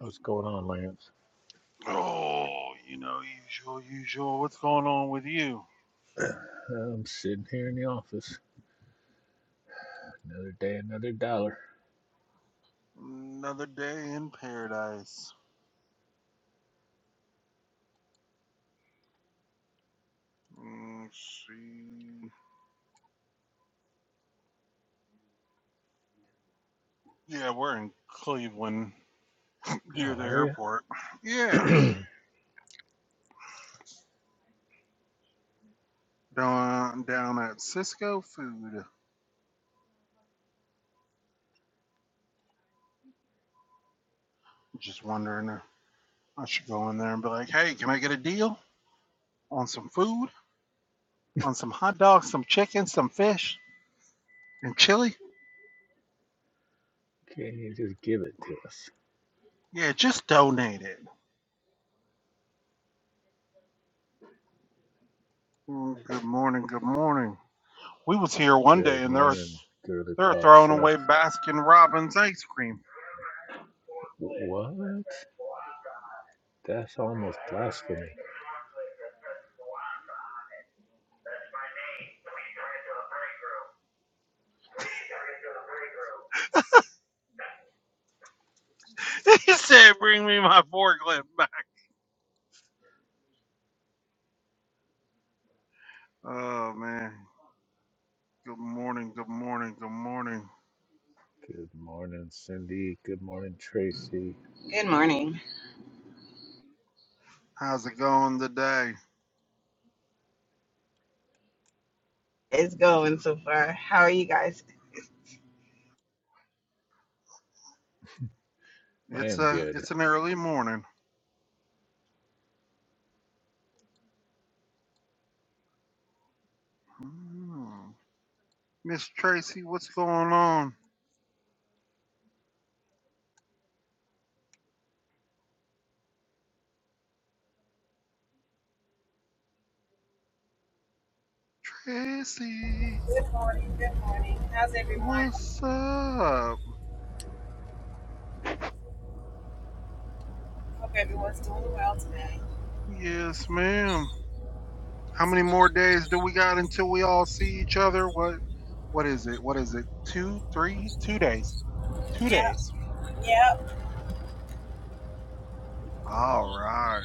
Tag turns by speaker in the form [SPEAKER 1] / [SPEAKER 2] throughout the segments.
[SPEAKER 1] What's going on, Lance?
[SPEAKER 2] Oh, you know, usual, usual. What's going on with you?
[SPEAKER 1] I'm sitting here in the office. Another day, another dollar.
[SPEAKER 2] Another day in paradise. Mm, see. Yeah, we're in Cleveland near
[SPEAKER 1] How
[SPEAKER 2] the
[SPEAKER 1] are you?
[SPEAKER 2] airport. Yeah,
[SPEAKER 1] Can
[SPEAKER 2] down down at Cisco Food. Just wondering, if I should go in there and be like, "Hey, can I get a deal on some food, on some hot dogs, some chicken, some fish, and chili?"
[SPEAKER 1] you just give it to us?
[SPEAKER 2] Yeah, just donate it. Mm, Good morning. Good morning. We was here one day
[SPEAKER 1] Good
[SPEAKER 2] and there were
[SPEAKER 1] morning, girly
[SPEAKER 2] They're
[SPEAKER 1] pop
[SPEAKER 2] throwing
[SPEAKER 1] chef.
[SPEAKER 2] away Baskin Robbins ice cream.
[SPEAKER 1] What? That's almost blasphemy.
[SPEAKER 2] he said, "Bring me my forklift back." Oh man. Good morning. Good morning. Good morning.
[SPEAKER 1] Good morning, Cindy. Good morning, Tracy.
[SPEAKER 3] Good morning.
[SPEAKER 2] How's it going today?
[SPEAKER 3] It's going so far. How are you guys?
[SPEAKER 1] I
[SPEAKER 2] It's
[SPEAKER 1] am
[SPEAKER 2] a
[SPEAKER 1] good.
[SPEAKER 2] it's an early morning. Mm. Miss Tracy, what's going on? Tracy, what's up? Yes, ma'am. How many more days do we got until we all see each other? What what is it? What is it? Two, three, two days. Two days. All right.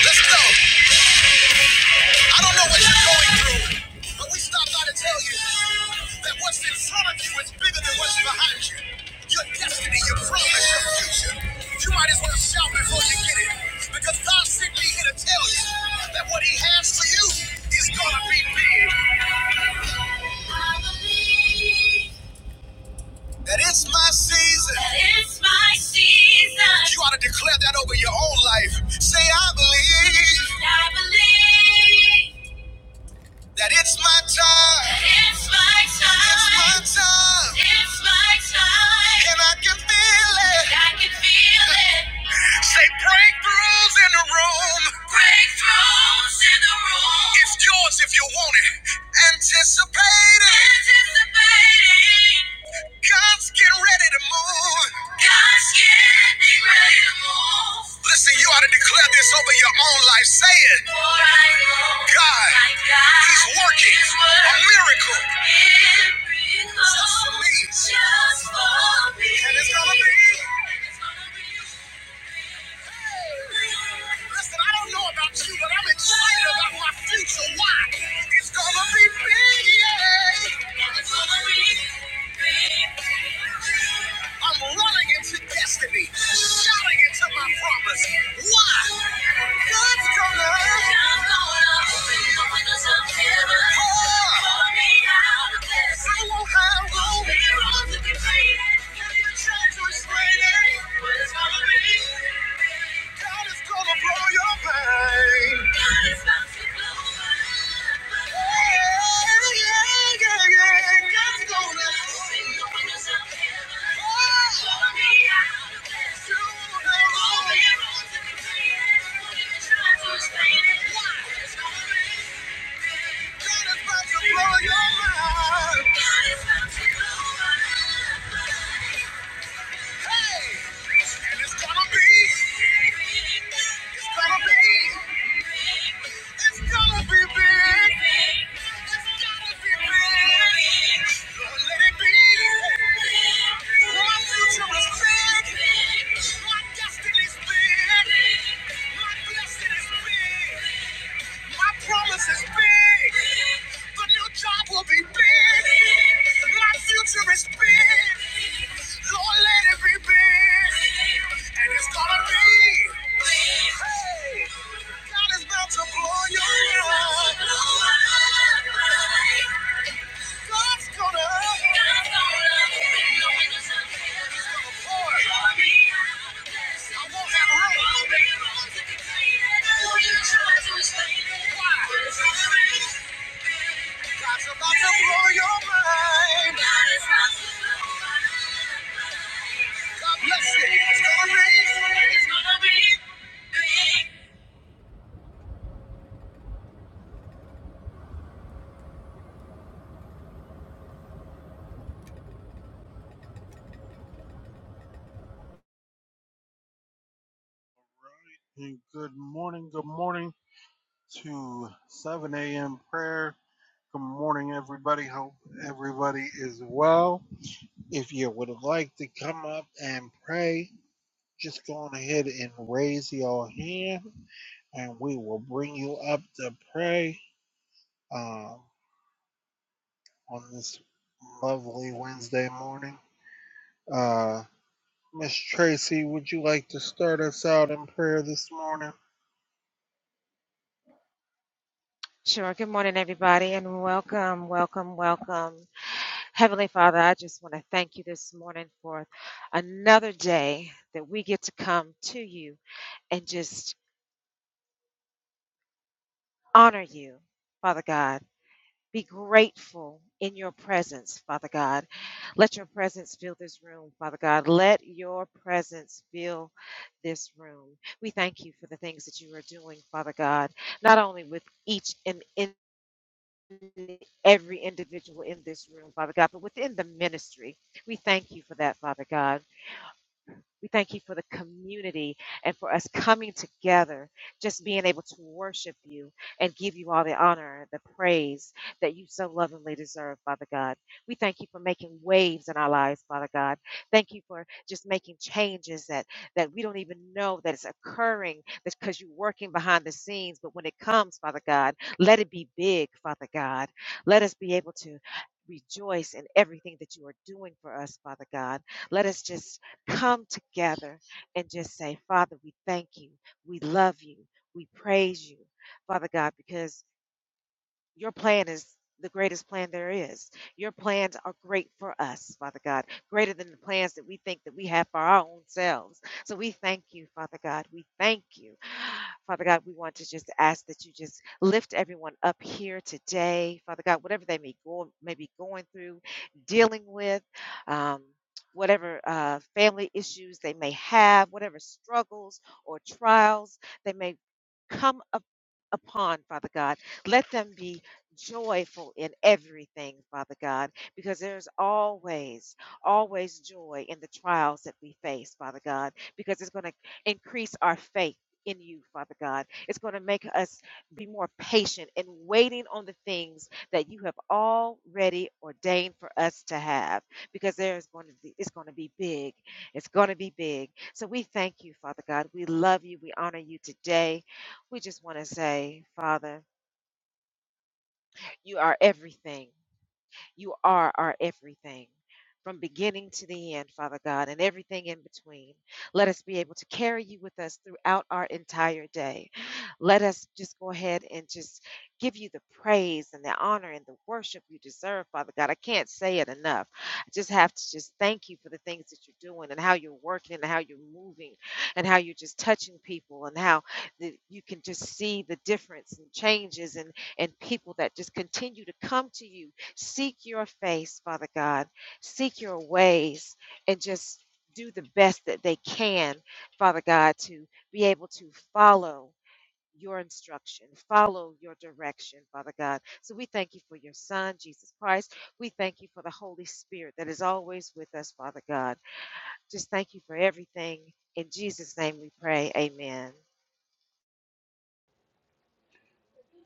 [SPEAKER 4] Let's go. I don't know what you're going through, but we stopped by to tell you that what's in front of you is bigger than what's behind you. Your destiny, your promise, your future. You might as well shout before you get it, because God sent me here to tell you that what He has for you is gonna be big. I believe That it's my season. That it's my season. You ought to declare that over your own life. Say, I believe. I believe. that it's my time. That It's my time. It's my time. It's my time. And I can feel it. And I can feel it. Say breakthroughs in the room. Breakthroughs in the room. It's yours if you want it. Anticipate it. Anticipating. God's getting ready to move. God's getting ready to move. Listen, you ought to declare this over your own life. Say it. For I know God, my God He's working is a miracle. miracles Just for me. Just for me. And And it's gonna be. Listen, I don't know about you, but I'm excited about my future. Why? It's gonna be I'm running into destiny, shouting into my promise. Why? God's gonna. open the windows heaven. Oh. Pour me out a blessing. I won't have no heroes to complain. Can't even to explain it. What it's gonna be. God is gonna blow your mind. God is about to blow my mind. Yeah, yeah, yeah, yeah. God's gonna open us up heaven. Pull me out of this room. All the arrows in the clear. Don't even try to explain it. God is about to blow your mind. God is about to blow my mind. Hey! And it's gonna be. It's gonna be. It's gonna be big. It's gonna be big. Lord, let it be. My future is big. My destiny's big. My blessing is big. My promise is big. The new job will be big. My future is big. Lord, let it be big. And it's gonna be. Hey, God is about to blow your mind. God's gonna. God's gonna pour it. God's about to blow your mind. God about to blow your mind. God bless you. It's gonna be, it's gonna be big.
[SPEAKER 2] And good morning. Good morning to 7 a.m. prayer. Good morning, everybody. Hope everybody is well. If you would like to come up and pray, just go on ahead and raise your hand, and we will bring you up to pray um, on this lovely Wednesday morning. Uh, Miss Tracy, would you like to start us out in prayer this morning?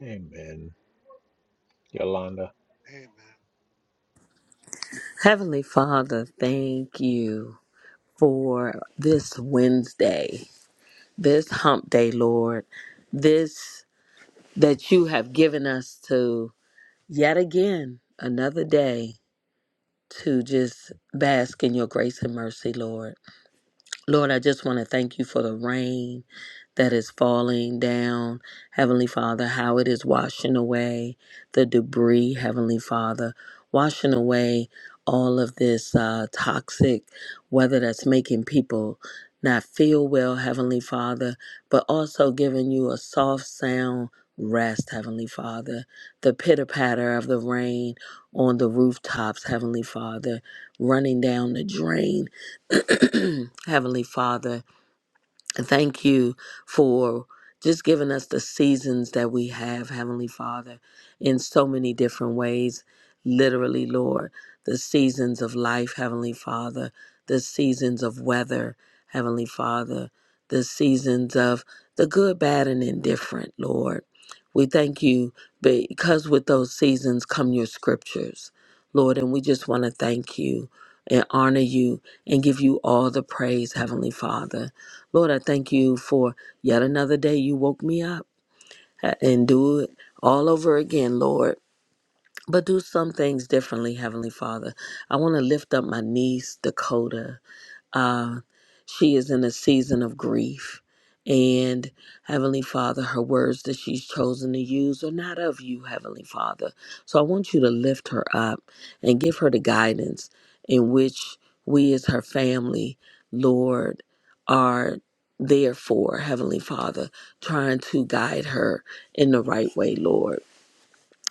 [SPEAKER 1] Amen. Yolanda.
[SPEAKER 2] Amen.
[SPEAKER 5] Heavenly Father, thank you for this Wednesday, this hump day, Lord, this that you have given us to yet again, another day to just bask in your grace and mercy, Lord. Lord, I just want to thank you for the rain that is falling down, Heavenly Father, how it is washing away the debris, Heavenly Father, washing away all of this uh, toxic weather that's making people not feel well, Heavenly Father, but also giving you a soft sound rest, Heavenly Father, the pitter patter of the rain on the rooftops, Heavenly Father, running down the drain. Heavenly Father, and thank you for just giving us the seasons that we have, Heavenly Father, in so many different ways. Literally, Lord, the seasons of life, Heavenly Father, the seasons of weather, Heavenly Father, the seasons of the good, bad, and indifferent, Lord. We thank you because with those seasons come your scriptures, Lord, and we just want to thank you and honor you and give you all the praise, Heavenly Father. Lord, I thank you for yet another day you woke me up and do it all over again, Lord. But do some things differently, Heavenly Father. I want to lift up my niece, Dakota. Uh, she is in a season of grief. And Heavenly Father, her words that she's chosen to use are not of you, Heavenly Father. So I want you to lift her up and give her the guidance in which we, as her family, Lord, are there for, Heavenly Father, trying to guide her in the right way, Lord.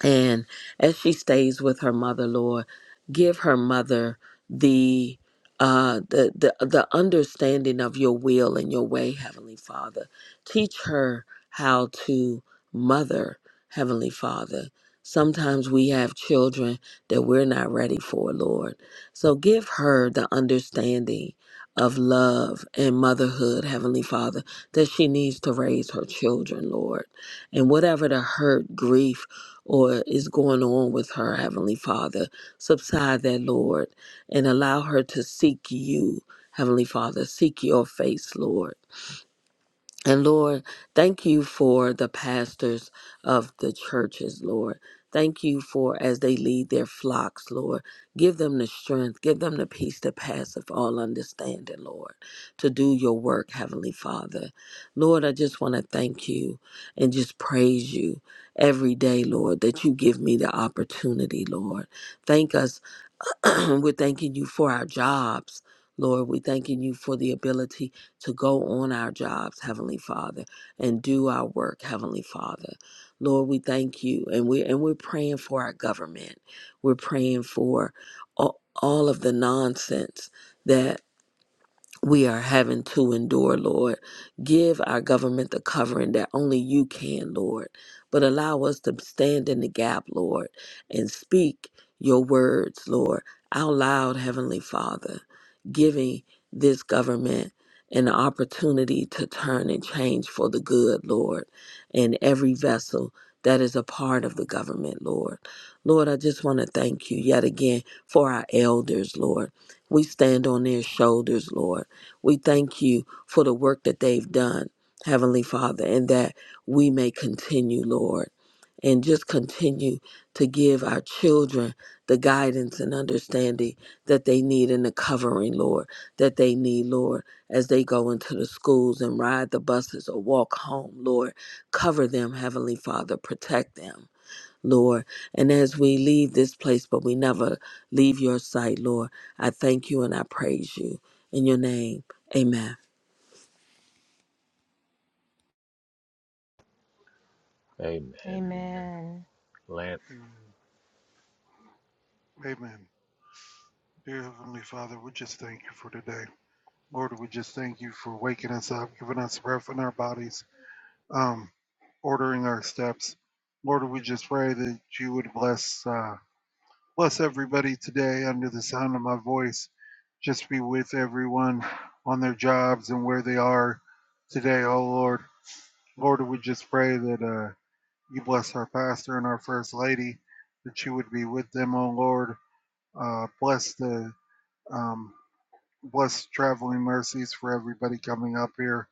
[SPEAKER 5] And as she stays with her mother, Lord, give her mother the uh the, the the understanding of your will and your way, Heavenly Father. Teach her how to mother, Heavenly Father. Sometimes we have children that we're not ready for, Lord. So give her the understanding of love and motherhood, Heavenly Father, that she needs to raise her children, Lord. And whatever the hurt, grief, or is going on with her, Heavenly Father. Subside that, Lord, and allow her to seek you, Heavenly Father. Seek your face, Lord. And Lord, thank you for the pastors of the churches, Lord. Thank you for as they lead their flocks, Lord. Give them the strength, give them the peace that passeth all understanding, Lord, to do your work, Heavenly Father. Lord, I just want to thank you and just praise you every day, Lord, that you give me the opportunity, Lord. Thank us We're thanking you for our jobs, Lord. We're thanking you for the ability to go on our jobs, Heavenly Father, and do our work, Heavenly Father. Lord, we thank you, and we and we're praying for our government. We're praying for all, all of the nonsense that we are having to endure, Lord. Give our government the covering that only you can, Lord. But allow us to stand in the gap, Lord, and speak your words, Lord, out loud, Heavenly Father, giving this government an opportunity to turn and change for the good, Lord, and every vessel that is a part of the government, Lord. Lord, I just want to thank you yet again for our elders, Lord. We stand on their shoulders, Lord. We thank you for the work that they've done, Heavenly Father, and that we may continue, Lord, and just continue to give our children the guidance and understanding that they need and the covering, Lord, that they need, Lord, as they go into the schools and ride the buses or walk home, Lord. Cover them, Heavenly Father, protect them. Lord. And as we leave this place, but we never leave your sight, Lord, I thank you and I praise you. In your name, amen.
[SPEAKER 1] Amen. Amen. Lance.
[SPEAKER 2] Amen. Amen. Dear Heavenly Father, we just thank you for today. Lord, we just thank you for waking us up, giving us breath in our bodies, um, ordering our steps. Lord, we just pray that you would bless uh, bless everybody today under the sound of my voice. Just be with everyone on their jobs and where they are today, oh Lord. Lord, we just pray that uh, you bless our pastor and our first lady, that you would be with them, oh Lord. Uh, bless the um, bless traveling mercies for everybody coming up here.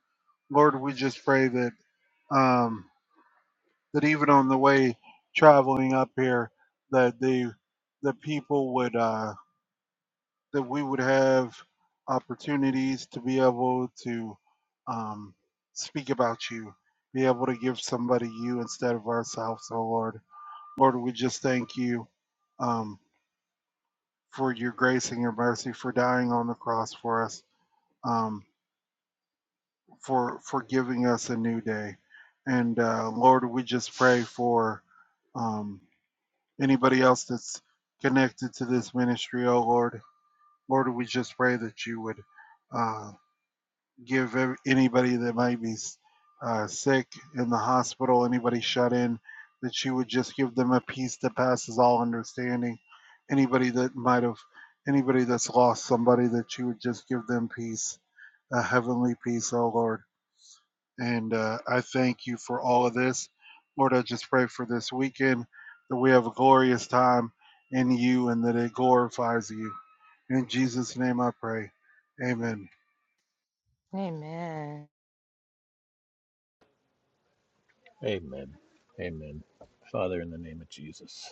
[SPEAKER 2] Lord, we just pray that um, that even on the way traveling up here, that the the people would. Uh, that we would have opportunities to be able to um, speak about you, be able to give somebody you instead of ourselves, oh Lord. Lord, we just thank you um, for your grace and your mercy, for dying on the cross for us, um, for, for giving us a new day. And uh, Lord, we just pray for um, anybody else that's connected to this ministry, oh Lord. Lord, we just pray that you would. uh, give every, anybody that might be uh, sick in the hospital, anybody shut in, that you would just give them a peace that passes all understanding. Anybody that might have, anybody that's lost somebody, that you would just give them peace, a heavenly peace, oh Lord. And uh, I thank you for all of this. Lord, I just pray for this weekend that we have a glorious time in you and that it glorifies you. In Jesus' name I pray. Amen.
[SPEAKER 1] Amen. Amen. Father, in the name of Jesus.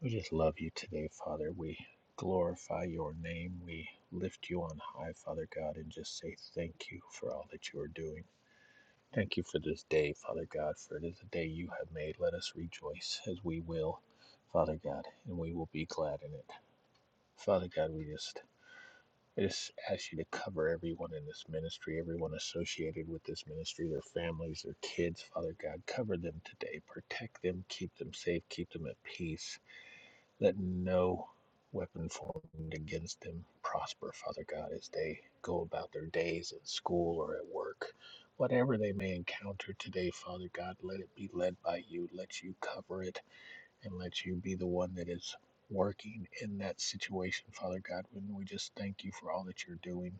[SPEAKER 1] We just love you today, Father. We glorify your name. We lift you on high, Father God, and just say thank you for all that you are doing. Thank you for this day, Father God, for it is a day you have made. Let us rejoice as we will, Father God, and we will be glad in it. Father God, we just I just ask you to cover everyone in this ministry, everyone associated with this ministry, their families, their kids, Father God. Cover them today. Protect them, keep them safe, keep them at peace. Let no weapon formed against them prosper, Father God, as they go about their days at school or at work. Whatever they may encounter today, Father God, let it be led by you. Let you cover it and let you be the one that is working in that situation, Father God. And we just thank you for all that you're doing,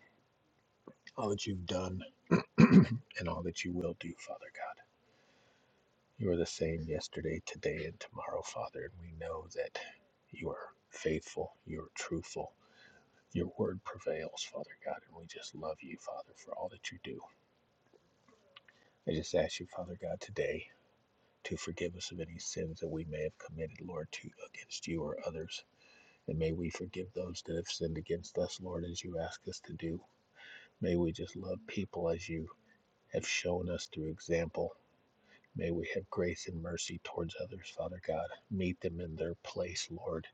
[SPEAKER 1] all that you've done, and all that you will do, Father God. You are the same yesterday, today, and tomorrow, Father, and we know that you are faithful, you are truthful Your word prevails, Father God, and we just love you, Father, for all that you do. I just ask you, Father God, today to forgive us of any sins that we may have committed, Lord, to against you or others. And may we forgive those that have sinned against us, Lord, as you ask us to do. May we just love people as you have shown us through example. May we have grace and mercy towards others, Father God. Meet them in their place, Lord.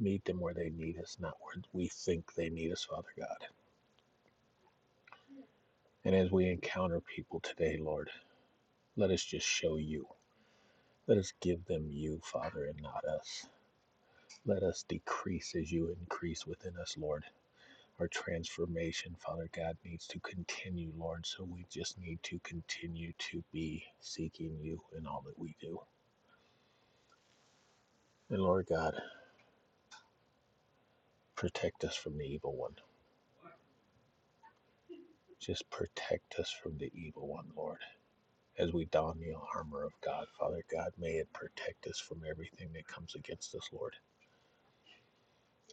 [SPEAKER 1] Meet them where they need us, not where we think they need us, Father God. And as we encounter people today, Lord, Let us just show you. Let us give them you, Father, and not us. Let us decrease as you increase within us, Lord. Our transformation, Father God, needs to continue, Lord. So we just need to continue to be seeking you in all that we do. And Lord God, protect us from the evil one. Just protect us from the evil one, Lord. As we don the armor of God, Father God, may it protect us from everything that comes against us, Lord.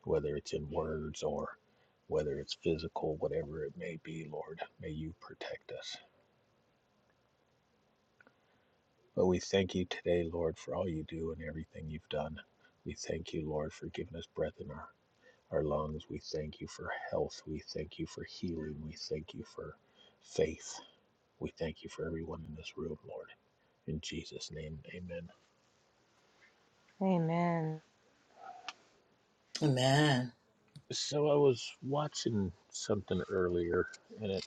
[SPEAKER 1] whether it's in words or whether it's physical, whatever it may be, Lord. May you protect us. But we thank you today, Lord, for all you do and everything you've done. We thank you, Lord, for giving us breath in our, our lungs. We thank you for health. We thank you for healing. We thank you for faith. We thank you for everyone in this room, Lord. In Jesus' name, amen.
[SPEAKER 5] Amen.
[SPEAKER 1] So I was watching something earlier and it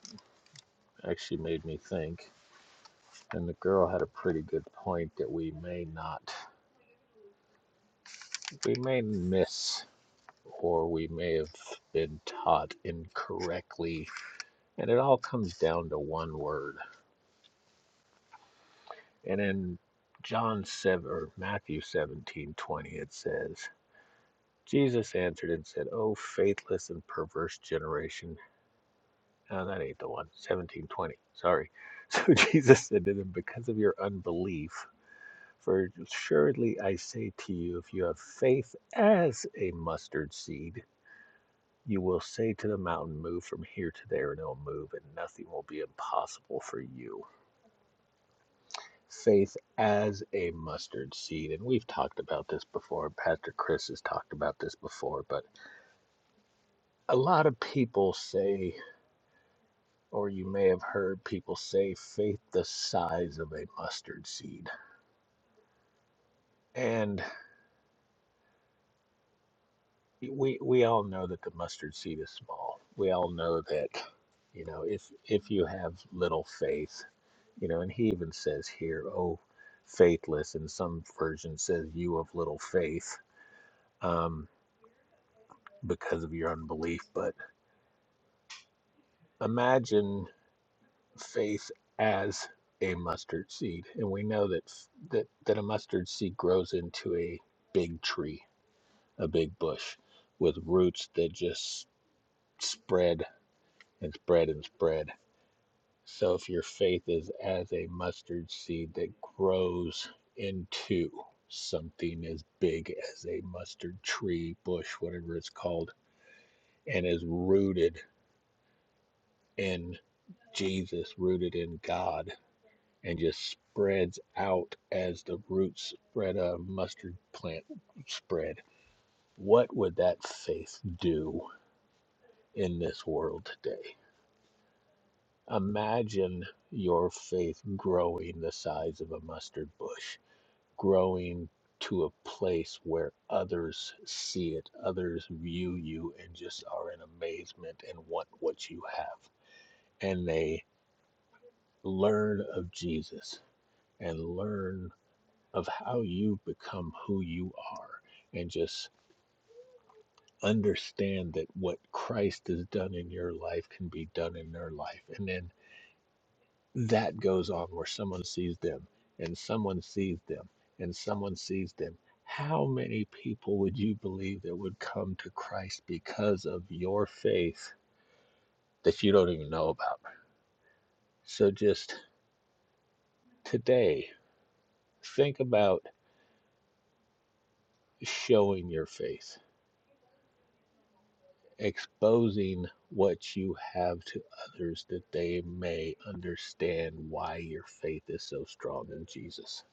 [SPEAKER 1] actually made me think. And the girl had a pretty good point that we may not, we may miss, or we may have been taught incorrectly. And it all comes down to one word. And in John 7, or Matthew seventeen twenty, it says, Jesus answered and said, O faithless and perverse generation. No, that ain't the one. Seventeen twenty. Sorry. So Jesus said to them, Because of your unbelief, For assuredly I say to you, if you have faith as a mustard seed, you will say to the mountain, Move from here to there, and it'll move, and nothing will be impossible for you. Faith as a mustard seed. And we've talked about this before. Pastor Chris has talked about this before, but a lot of people say, or you may have heard people say, faith the size of a mustard seed. And we we all know that the mustard seed is small. We all know that, you know, if if you have little faith, you know, and he even says here, "Oh, faithless," and some version says, "You of little faith," um, because of your unbelief. But imagine faith as a mustard seed, and we know that that that a mustard seed grows into a big tree, a big bush, with roots that just spread and spread and spread So if your faith is as a mustard seed that grows into something as big as a mustard tree, bush, whatever it's called, and is rooted in Jesus, rooted in God, and just spreads out as the roots spread a mustard plant spread, what would that faith do in this world today? Imagine your faith growing the size of a mustard bush growing to a place where others see it, others view you and just are in amazement and want what you have. And they learn of Jesus and learn of how you become who you are and just understand that what Christ has done in your life can be done in their life. And then that goes on where someone sees them and someone sees them and someone sees them. How many people would you believe that would come to Christ because of your faith that you don't even know about? So just today, think about showing your faith, exposing what you have to others that they may understand why your faith is so strong in Jesus.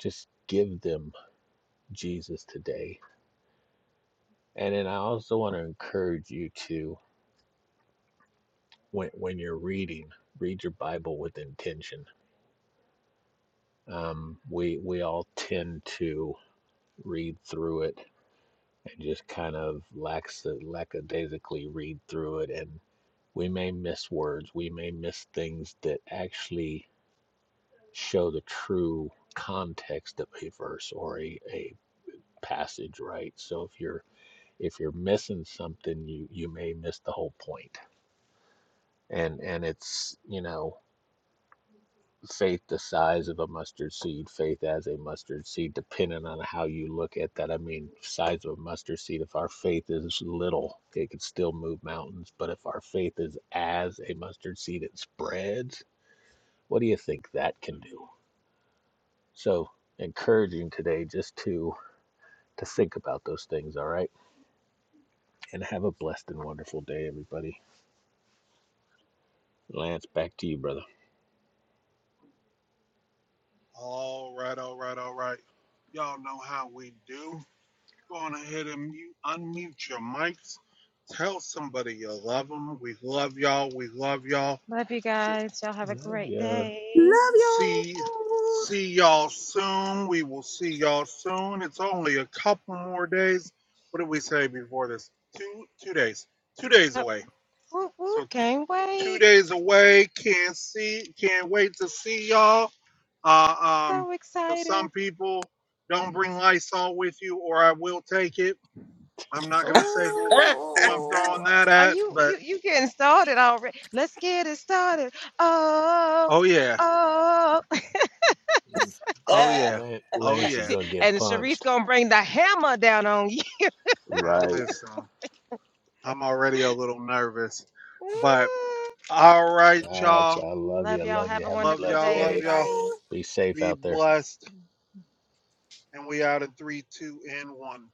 [SPEAKER 1] Just give them Jesus today And then I also want to encourage you to, when when you're reading, read your Bible with intention. Um, we we all tend to read through it and just kind of lax lackadaisically read through it, and we may miss words, we may miss things that actually show the true context of a verse or a, a passage, right? So if you're if you're missing something, you you may miss the whole point point. and and it's you know faith the size of a mustard seed, faith as a mustard seed, depending on how you look at that. I mean, size of a mustard seed, if our faith is little, it can still move mountains. But if our faith is as a mustard seed, it spreads. What do you think that can do? So, encouraging today just to to think about those things, all right? And have a blessed and wonderful day, everybody. Lance, back to you, brother.
[SPEAKER 2] All right, all right, all right. Y'all know how we do. Go on ahead and mute, unmute your mics. Tell somebody you love them. We love y'all. We love y'all. Sh-
[SPEAKER 1] Love ya.
[SPEAKER 2] See, see y'all soon. We will see y'all soon. It's only a couple more days. What did we say before this? Two, two days. Two days away. So two days away. Can't see. Can't wait to see y'all. Uh, um, for some people, don't bring Lysol with you, or I will take it. I'm not gonna say who who I'm throwing that at, but oh yeah, oh yeah,
[SPEAKER 1] Lan-
[SPEAKER 2] oh
[SPEAKER 1] Lance is
[SPEAKER 2] yeah.
[SPEAKER 1] gonna get punched.
[SPEAKER 2] Man,
[SPEAKER 1] Right.
[SPEAKER 2] listen, I'm already a little nervous, but all right,
[SPEAKER 1] All right,
[SPEAKER 2] y'all.
[SPEAKER 1] y'all. Love you. Love you. Have a
[SPEAKER 2] Love
[SPEAKER 1] blessed
[SPEAKER 2] y'all. Love
[SPEAKER 1] day.
[SPEAKER 2] y'all.
[SPEAKER 1] Be safe
[SPEAKER 2] Be
[SPEAKER 1] out there.
[SPEAKER 2] blessed. And we out of three, two, and one.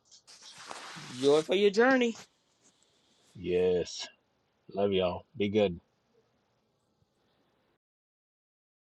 [SPEAKER 5] Joy for your journey.
[SPEAKER 1] Yes. Love y'all. Be good.